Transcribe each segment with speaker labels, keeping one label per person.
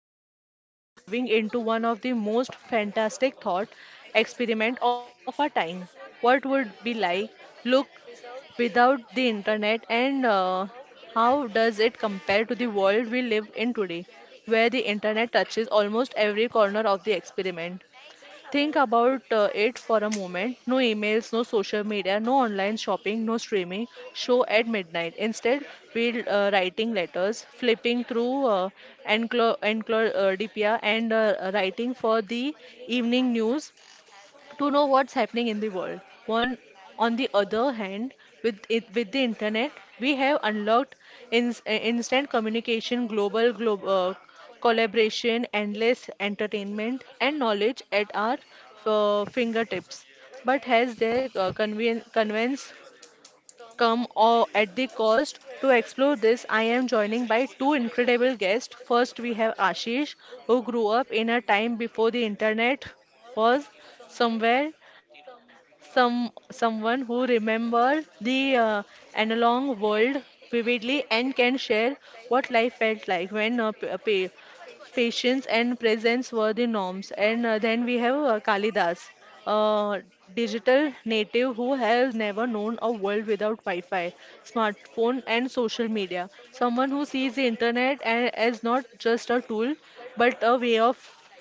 Speaker 1: and today we are diving into one of the most fantastic thought experiment of our time. What would be like look without the internet and how does it compare to the world we live in today where the internet touches almost every corner of the experiment. Think about it for a moment. No emails, no social media, no online shopping, no streaming show at midnight. Instead, we're writing letters, flipping through DPR and writing for the evening news to know what's happening in the world. One, on the other hand, with it, with the internet, we have unlocked instant communication, global glo collaboration, endless entertainment, and knowledge at our fingertips. But has their convenience come or at the cost to explore this. I am joining by two incredible guests. First we have Ashish, who grew up in a time before the internet, was somewhere, someone who remember the analog world vividly and can share what life felt like when patience and presence were the norms. And then we have Kalidas, a digital native who has never known a world without Wi-Fi, smartphone, and social media. Someone who sees the internet as not just a tool, but a way of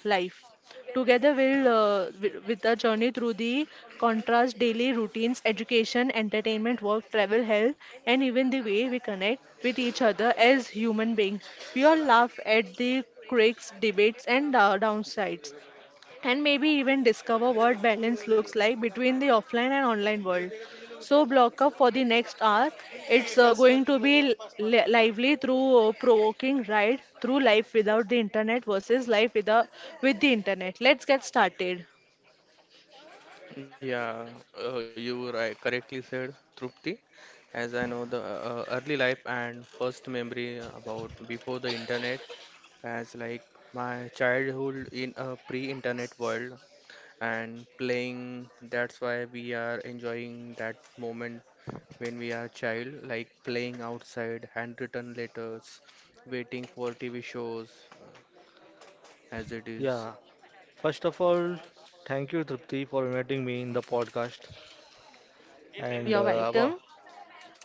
Speaker 1: life. Together, we'll with a journey through the contrast daily routines, education, entertainment, work, travel, health, and even the way we connect with each other as human beings. We all laugh at the quirks, debates, and downsides, and maybe even discover what balance looks like between the offline and online world. So, block up for the next hour. It's going to be lively through provoking ride through life without the internet versus life without with the internet. Let's get started.
Speaker 2: Yeah, you were right, correctly said, Trupti. As I know, the early life and first memory about before the internet, as like my childhood in a pre-internet world and playing. That's why we are enjoying that moment when we are child, like playing outside, handwritten letters, waiting for TV shows, uh, as it is.
Speaker 3: Yeah, first of all, thank you, Tripti, for inviting me in the podcast. And
Speaker 1: You're
Speaker 3: uh, about,
Speaker 1: welcome.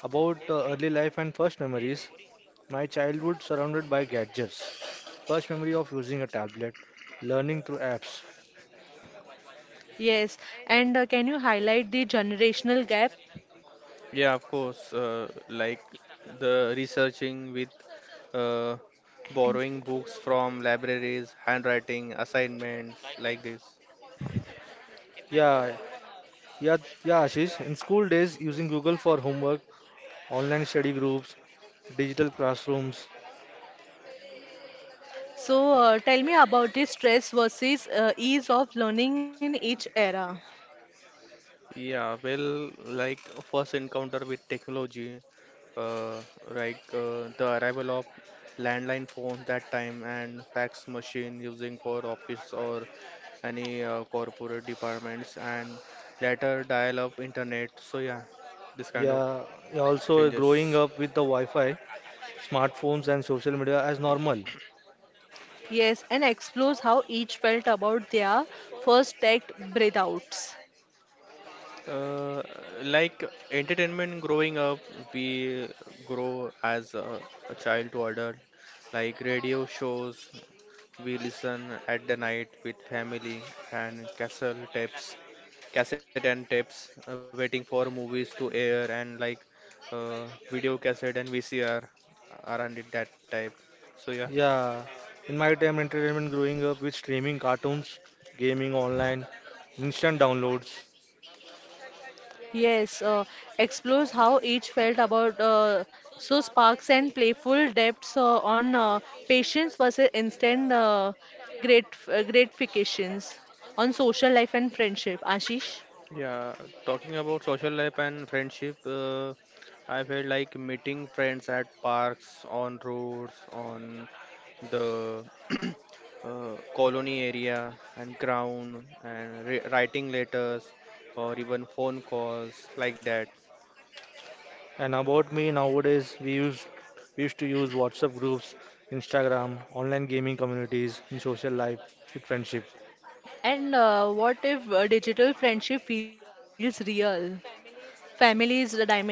Speaker 3: about early life and first memories, my childhood surrounded by gadgets. First memory of using a tablet, learning through apps.
Speaker 1: Yes, and can you highlight the generational gap?
Speaker 2: Yeah, of course. Like the researching with uh,
Speaker 1: And-
Speaker 2: borrowing books from libraries, handwriting, assignments like this.
Speaker 3: Yeah, yeah, yeah, Ashish. In school days, using Google for homework, online study groups, digital classrooms.
Speaker 1: So, tell me about the stress versus ease of learning in each era.
Speaker 2: Yeah, well, like first encounter with technology, uh, like the arrival of landline phones that time and fax machine using for office or any corporate departments and later dial-up internet. So yeah, this kind of
Speaker 3: Yeah, yeah, also growing
Speaker 2: changes.
Speaker 3: up with the Wi-Fi, smartphones, and social media as normal.
Speaker 1: Yes, and explores how each felt about their first tech breathouts.
Speaker 2: Uh, like entertainment growing up, we grow as a child to adult. Like radio shows, we listen at the night with family and castle tapes, cassette and tapes, waiting for movies to air and like uh, video cassette and VCR are on it that type. So yeah.
Speaker 3: Yeah, in my time, entertainment growing up with streaming cartoons, gaming online, instant downloads.
Speaker 1: Yes, explores how each felt about so sparks and playful depths on patience versus instant gratifications on social life and friendship. Ashish,
Speaker 2: Yeah, talking about social life and friendship, I felt like meeting friends at parks, on roads, on the colony area and ground, and ri writing letters or even phone calls like that.
Speaker 3: And about me, nowadays we used to use WhatsApp groups, Instagram, online gaming communities in social life with friendship.
Speaker 1: and what if digital friendship feels real? Family is the dimension.
Speaker 2: Yeah,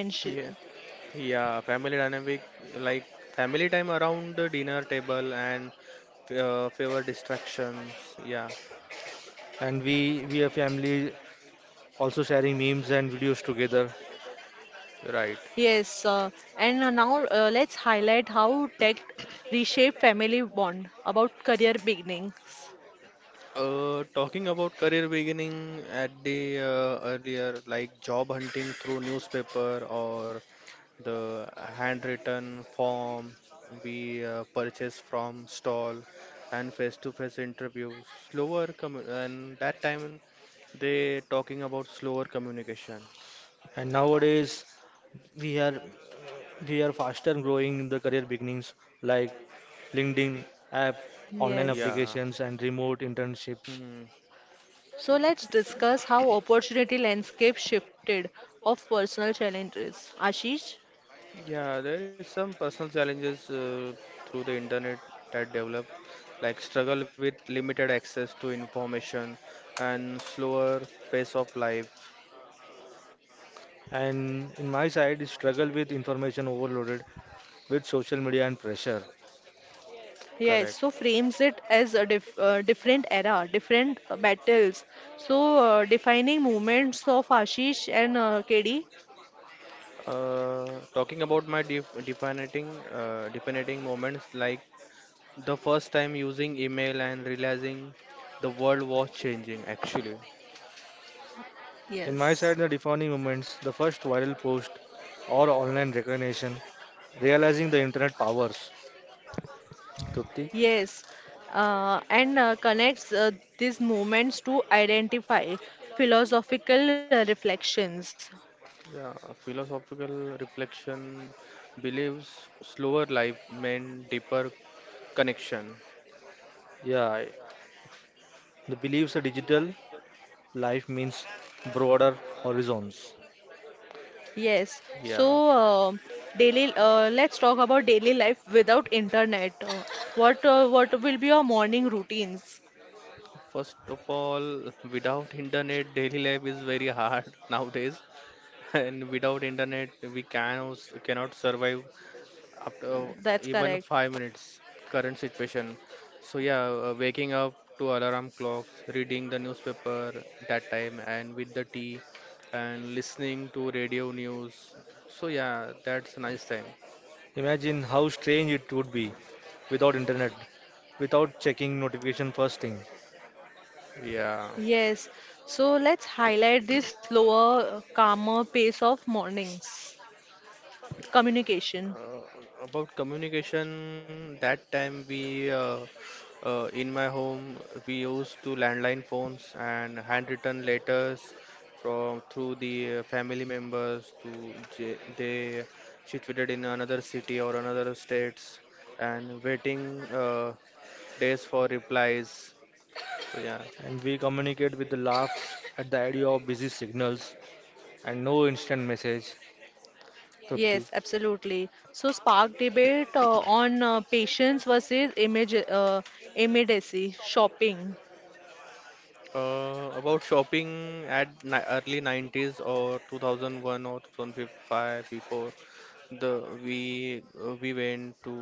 Speaker 2: yeah, family dynamic like family time around the dinner table and fewer distractions. Yeah,
Speaker 3: And we are family also sharing memes and videos together.
Speaker 2: right.
Speaker 1: Yes, and now let's highlight how tech reshape family bond about career beginnings.
Speaker 2: Talking about career beginning at the earlier, like job hunting through newspaper or the handwritten form we purchase from stall and face-to-face interviews, slower commu and that time they talking about slower communications.
Speaker 3: And nowadays we are we are faster growing in the career beginnings like LinkedIn app, online
Speaker 1: Yes.
Speaker 2: Yeah.
Speaker 3: applications, and remote internships.
Speaker 2: Hmm.
Speaker 1: So let's discuss how opportunity landscape shifted of personal challenges. Ashish?
Speaker 2: Yeah, there is some personal challenges through the internet that develop, like struggle with limited access to information and slower pace of life.
Speaker 3: And in my side, is struggle with information overloaded with social media and pressure.
Speaker 1: Yes, so
Speaker 2: Correct.
Speaker 1: frames it as a different era, different battles. So defining moments of Ashish and KD?
Speaker 2: Talking about my de defining defining moments, like the first time using email and realizing the world was changing actually.
Speaker 3: In my side,
Speaker 1: Yes.
Speaker 3: the defining moments, the first viral post or online recognition, realizing the internet powers. Trupti?
Speaker 1: Yes, and connects these movements to identify philosophical reflections.
Speaker 2: Yeah, a philosophical reflection believes slower life meant deeper connection.
Speaker 3: Yeah, the believes a digital life means broader horizons.
Speaker 1: Yes,
Speaker 2: Yeah.
Speaker 1: so daily, let's talk about daily life without internet. What what will be your morning routines?
Speaker 2: First of all, without internet, daily life is very hard nowadays, and without internet, we cannot survive after
Speaker 1: That's
Speaker 2: even
Speaker 1: correct.
Speaker 2: 5 minutes current situation. So yeah, waking up to alarm clocks, reading the newspaper that time and with the tea, and listening to radio news. So yeah, that's a nice time,
Speaker 3: Imagine how strange it would be without internet, without checking notification first thing.
Speaker 2: yeah.
Speaker 1: Yes, so let's highlight this slower, calmer pace of mornings communication.
Speaker 2: Uh, about communication, that time we in my home we used to landline phones and handwritten letters from through the family members to they situated in another city or another states and waiting days for replies. So yeah.
Speaker 3: And we communicate with the laughs at the idea of busy signals and no instant message. Trupti?
Speaker 1: Yes, absolutely. So, spark debate on patience versus image, immediacy, shopping.
Speaker 2: About shopping at ni early 90s or 2001 or 2005 before the we went to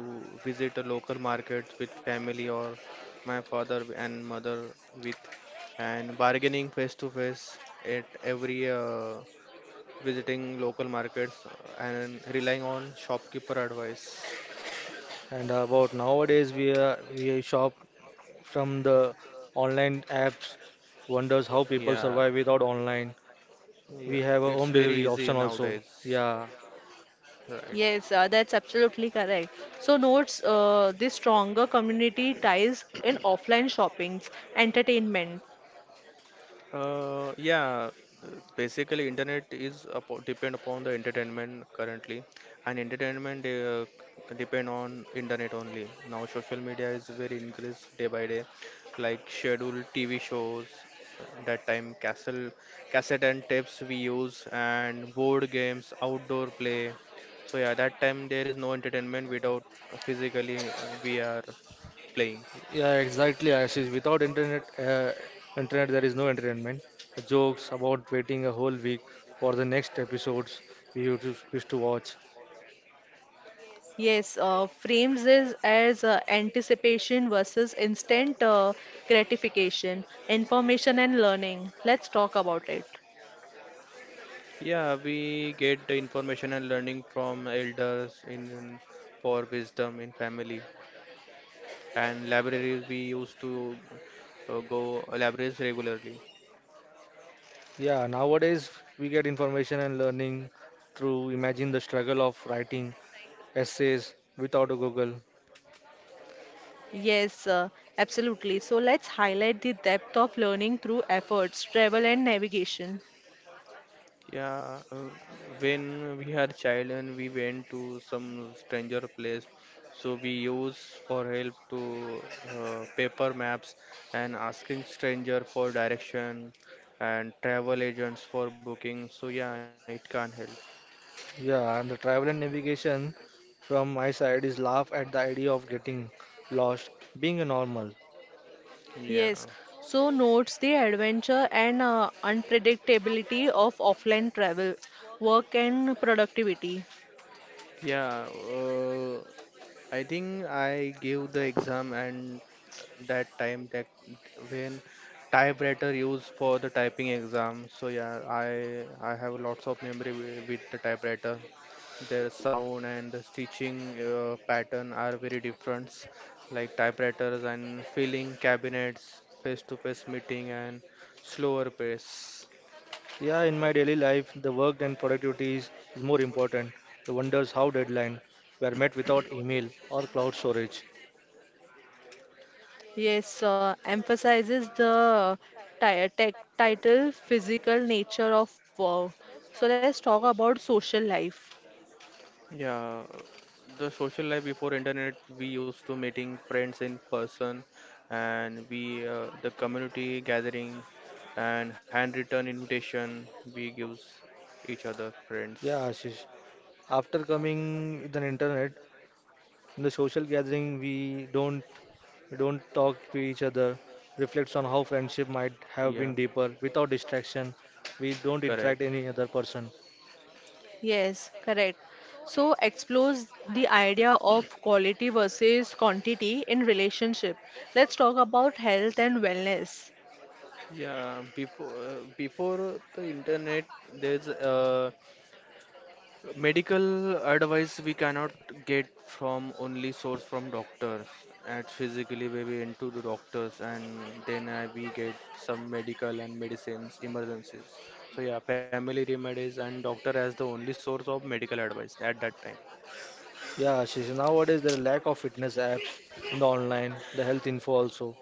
Speaker 2: visit a local market with family or my father and mother with, and bargaining face to face at every visiting local markets and relying on shopkeeper advice.
Speaker 3: And about nowadays, we are, we shop from the online apps. Wonders how people
Speaker 2: Yeah,
Speaker 3: survive without online.
Speaker 2: yeah,
Speaker 3: We have a
Speaker 2: it's
Speaker 3: home
Speaker 2: very
Speaker 3: delivery
Speaker 2: easy
Speaker 3: option also.
Speaker 2: nowadays,
Speaker 3: Yeah,
Speaker 2: right?
Speaker 1: Yes, that's absolutely correct. So, notes the stronger community ties in offline shoppings, entertainment.
Speaker 2: Uh, yeah, uh, basically internet is depend upon the entertainment currently, and entertainment depend on internet only. Now social media is very increased day by day, like scheduled TV shows, that time cassette and tapes we use, and board games, outdoor play. So yeah, that time there is no entertainment without physically we are playing.
Speaker 3: yeah, exactly. Ashish, without internet, internet there is no entertainment. Jokes about waiting a whole week for the next episodes we used to watch.
Speaker 1: Yes, frames is as anticipation versus instant gratification, information and learning. Let's talk about it.
Speaker 2: Yeah, we get the information and learning from elders for wisdom in family and libraries. We used to go libraries regularly.
Speaker 3: Yeah, nowadays we get information and learning through imagine the struggle of writing essays without a Google.
Speaker 1: Yes, absolutely. So let's highlight the depth of learning through efforts, travel, and navigation.
Speaker 2: Yeah, when we are child and we went to some stranger place, so we use for help to paper maps and asking stranger for direction and travel agents for booking. So yeah, it can't help.
Speaker 3: Yeah, and the travel and navigation from my side is laugh at the idea of getting lost, being a normal.
Speaker 2: Yeah.
Speaker 1: Yes, so notes the adventure and unpredictability of offline travel, work, and productivity.
Speaker 2: Yeah, I think I gave the exam and that time that when typewriter used for the typing exam. So yeah, I have lots of memory with the typewriter. Their sound and the stitching pattern are very different, like typewriters and filling cabinets, face-to-face meeting and slower pace.
Speaker 3: Yeah, in my daily life, the work and productivity is more important. The wonders how deadline were met without email or cloud storage.
Speaker 1: Yes, emphasizes the title, physical nature of work. So let's talk about social life.
Speaker 2: Yeah, the social life before internet, we used to meeting friends in person, and we the community gathering, and handwritten invitation we gives each other friends.
Speaker 3: Yeah, Ashish. After coming with an internet, in the social gathering, we don't talk to each other. Reflects on how friendship might have
Speaker 2: Yeah,
Speaker 3: been deeper without distraction. We don't interact
Speaker 2: correct.
Speaker 3: any other person.
Speaker 1: Yes, correct. So explores the idea of quality versus quantity in relationship. Let's talk about health and wellness.
Speaker 2: Yeah, before the internet, there's medical advice we cannot get from, only source from doctors. At physically we into the doctors and then we get some medical and medicines emergencies. So yeah, family remedies and doctor as the only source of medical advice at that time.
Speaker 3: Yeah, Shishi, nowadays there are lack of fitness apps in the online, the health info also.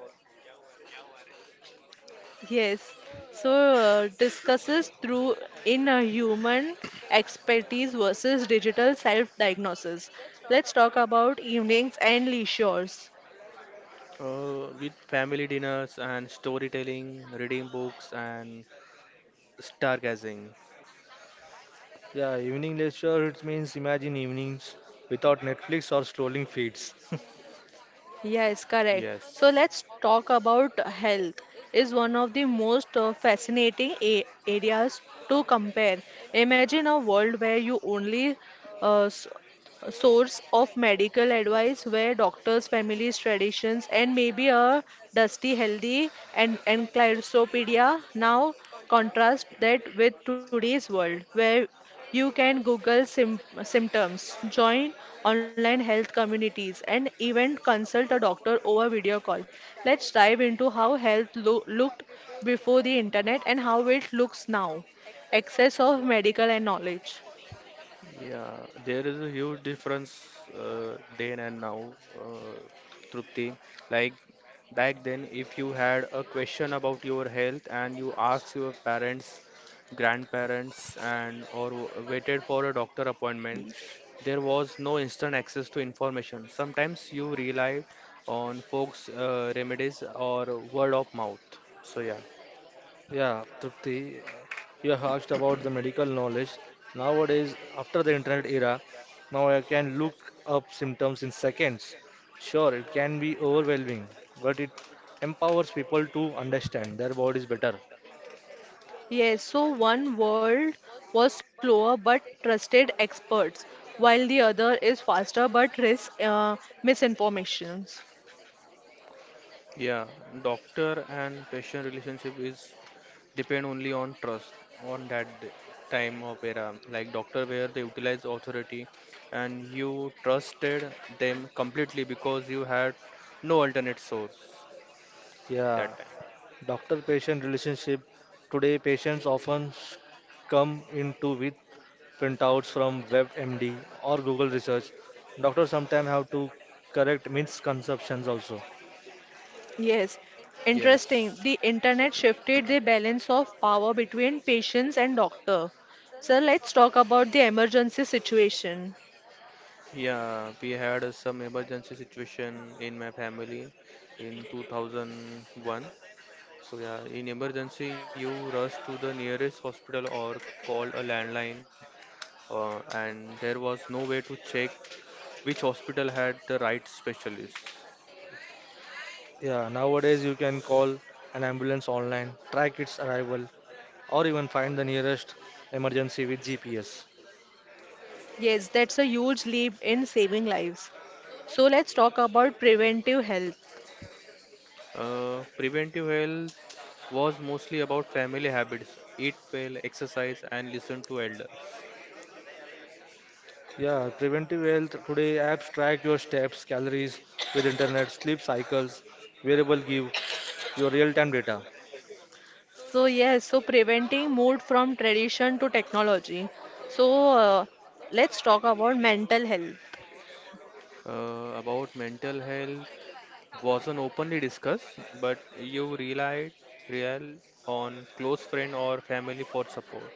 Speaker 1: Yes. So discusses through in a human expertise versus digital self-diagnosis. Let's talk about evenings and leisures.
Speaker 2: With family dinners and storytelling, reading books and stargazing.
Speaker 3: Yeah, evening lecture, it means imagine evenings without Netflix or scrolling feeds.
Speaker 1: Yes, correct. So
Speaker 2: Yes.
Speaker 1: let's talk about health. Is one of the most fascinating a areas to compare. Imagine a world where you only uh, s- source of medical advice where doctors, families, traditions, and maybe a dusty, healthy and encyclopedia. Now, contrast that with today's world where you can Google symptoms, join online health communities, and even consult a doctor over video call. Let's dive into how health looked before the internet and how it looks now. Access of medical and knowledge.
Speaker 2: Yeah, there is a huge difference then and now, Trupti. Like back then, if you had a question about your health and you asked your parents, grandparents, and or waited for a doctor appointment, there was no instant access to information. Sometimes you relied on folks' remedies or word of mouth. So yeah,
Speaker 3: Yeah, Trupti, you have asked about the medical knowledge. Nowadays, after the internet era, now I can look up symptoms in seconds. Sure, it can be overwhelming, but it empowers people to understand their bodies better.
Speaker 1: Yes, so one world was slower but trusted experts, while the other is faster but risks misinformations.
Speaker 2: yeah, doctor and patient relationship is depend only on trust on time of era like doctor where they utilize authority and you trusted them completely because you had no alternate source
Speaker 3: Yeah,
Speaker 2: that time.
Speaker 3: doctor patient relationship. Today, patients often come into with printouts from WebMD or Google Research. Doctors sometimes have to correct misconceptions also.
Speaker 1: Yes, interesting.
Speaker 2: Yes.
Speaker 1: The internet shifted the balance of power between patients and doctor. So let's talk about the emergency situation.
Speaker 2: Yeah, we had some emergency situation in my family in 2001. So yeah, in emergency you rush to the nearest hospital or call a landline, and there was no way to check which hospital had the right specialists.
Speaker 3: Yeah, nowadays you can call an ambulance online, track its arrival, or even find the nearest emergency with GPS.
Speaker 1: Yes, that's a huge leap in saving lives. So let's talk about preventive health.
Speaker 2: Preventive health was mostly about family habits: eat well, exercise, and listen to elders.
Speaker 3: Yeah, preventive health today apps track your steps, calories with internet, sleep cycles, wearable give your real-time data.
Speaker 1: So yes, so preventing mood from tradition to technology. So let's talk about mental health.
Speaker 2: About mental health, wasn't openly discussed, but you relied real on close friend or family for support.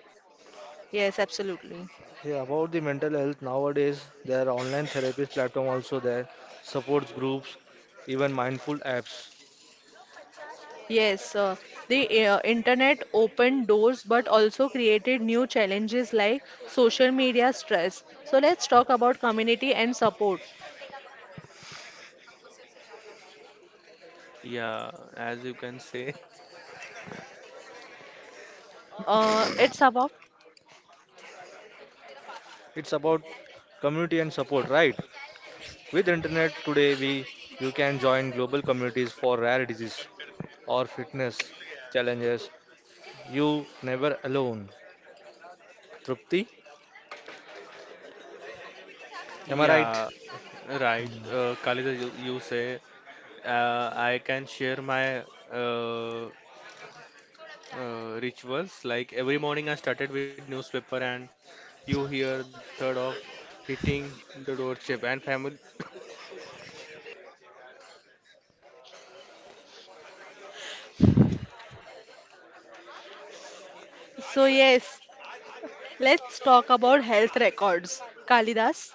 Speaker 1: Yes, absolutely.
Speaker 3: Yeah, about the mental health nowadays, there are online therapist platform also there, supports groups, even mindful apps.
Speaker 1: Yes, the internet opened doors but also created new challenges like social media stress. So let's talk about community and support.
Speaker 2: Yeah, as you can say,
Speaker 1: It's about.
Speaker 3: It's about community and support, right? With internet today, we you can join global communities for rare disease or fitness challenges. You never alone. Trupti, am I right?
Speaker 2: yeah, right. Kaliza, you say, I can share my uh, rituals. Like every morning, I started with newspaper, and you hear the third of hitting the doorstep and family.
Speaker 1: So yes, let's talk about health records. Kalidas.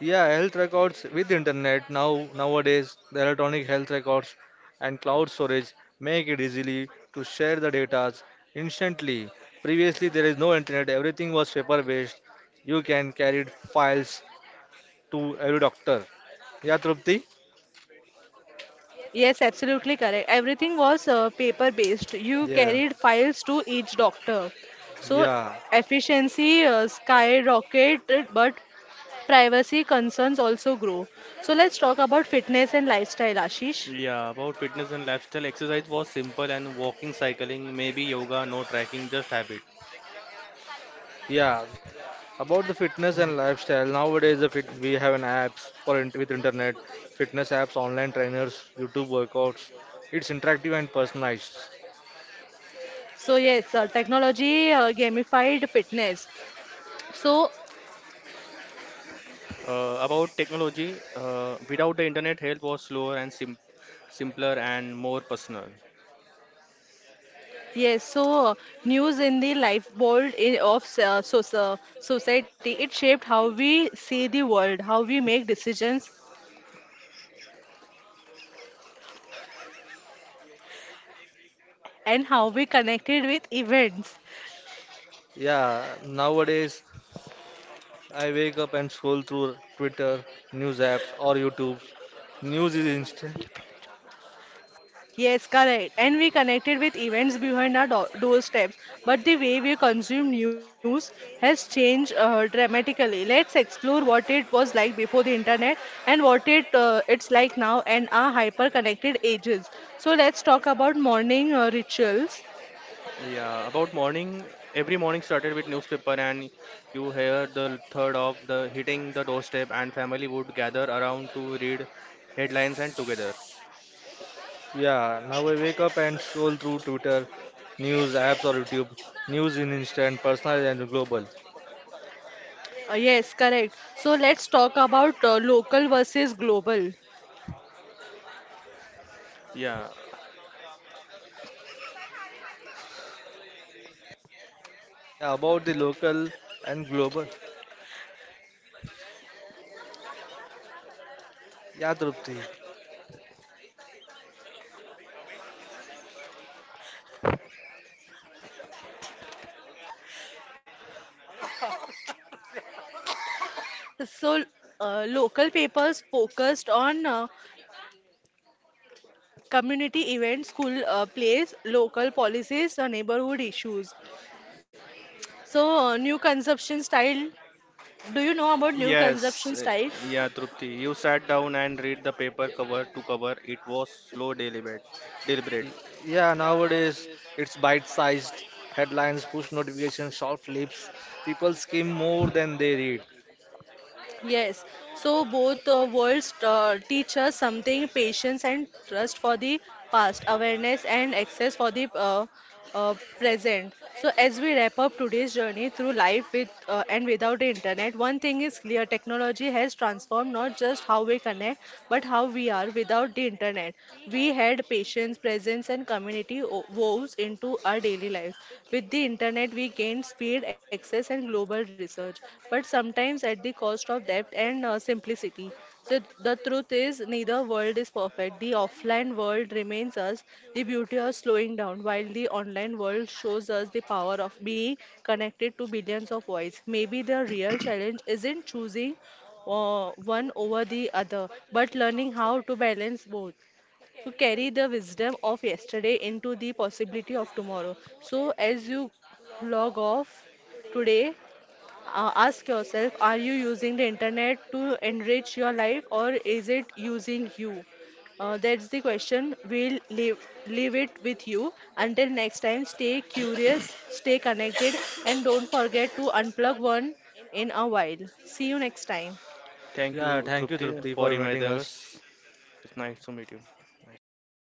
Speaker 3: Yeah, health records with internet now nowadays the electronic health records and cloud storage make it easily to share the data instantly. Previously there is no internet, everything was paper based. You can carry files to every doctor. Yeah, Trupti?
Speaker 1: Yes, absolutely correct. Everything was paper based. You
Speaker 3: Yeah,
Speaker 1: carried files to each doctor. So
Speaker 3: yeah,
Speaker 1: efficiency skyrocketed, but privacy concerns also grow. So let's talk about fitness and lifestyle, Ashish.
Speaker 2: Yeah, about fitness and lifestyle, exercise was simple and walking, cycling, maybe yoga, no tracking, just habit.
Speaker 3: yeah. About the fitness and lifestyle, nowadays the fit, we have an apps for int with internet, fitness apps, online trainers, YouTube workouts. It's interactive and personalized.
Speaker 1: So yes, technology gamified fitness. So
Speaker 2: About technology, without the internet, health was slower and simpler and more personal.
Speaker 1: yes, so news in the lifeboat in, of society, it shaped how we see the world, how we make decisions, and how we connected with events.
Speaker 3: Yeah, nowadays I wake up and scroll through Twitter, news apps, or YouTube. News is instant.
Speaker 1: Yes, correct. And we connected with events behind our doorsteps. But the way we consume news has changed dramatically. Let's explore what it was like before the internet and what it's like now and our hyper-connected ages. So let's talk about morning rituals.
Speaker 2: Yeah, about morning, every morning started with newspaper and you hear the third of the hitting the doorstep and family would gather around to read headlines and together.
Speaker 3: Yeah, now I wake up and scroll through Twitter, news apps, or YouTube. News in instant, personal and global.
Speaker 1: Yes, correct. So let's talk about local versus global.
Speaker 2: Yeah,
Speaker 3: Yeah, about the local and global. Yeah, Drupti.
Speaker 1: So, local papers focused on community events, school plays, local policies, neighborhood issues. So, new consumption style. Do you know about new
Speaker 2: yes,
Speaker 1: consumption
Speaker 2: eh,
Speaker 1: style?
Speaker 2: yeah, Trupti. You sat down and read the paper cover to cover. It was slow deliberate. Deliberate.
Speaker 3: Y- Yeah, nowadays it's bite-sized headlines, push notifications, short clips. People skim more than they read.
Speaker 1: Yes, so both worlds teach us something patience and trust for the past, awareness and access for the present. So, as we wrap up today's journey through life with and without the internet, one thing is clear technology has transformed not just how we connect, but how we are without the internet. We had patience, presence, and community woves into our daily life. With the internet, we gain speed, access, and global research, but sometimes at the cost of depth and simplicity. So the truth is, neither world is perfect. The offline world remains us the beauty of slowing down, while the online world shows us the power of being connected to billions of voices. Maybe the real challenge isn't choosing one over the other, but learning how to balance both to carry the wisdom of yesterday into the possibility of tomorrow. So, as you log off today, ask yourself are you using the internet to enrich your life or is it using you? That's the question. Leave it with you. Until next time, stay curious, stay connected, and don't forget to unplug one in a while. See you next time.
Speaker 2: Thank
Speaker 3: Yeah,
Speaker 2: you,
Speaker 3: thank you,
Speaker 2: Trupti,
Speaker 3: Drupti,
Speaker 2: for
Speaker 3: for inviting
Speaker 2: inviting
Speaker 3: us.
Speaker 2: us. It's nice to meet you.
Speaker 3: Nice talk.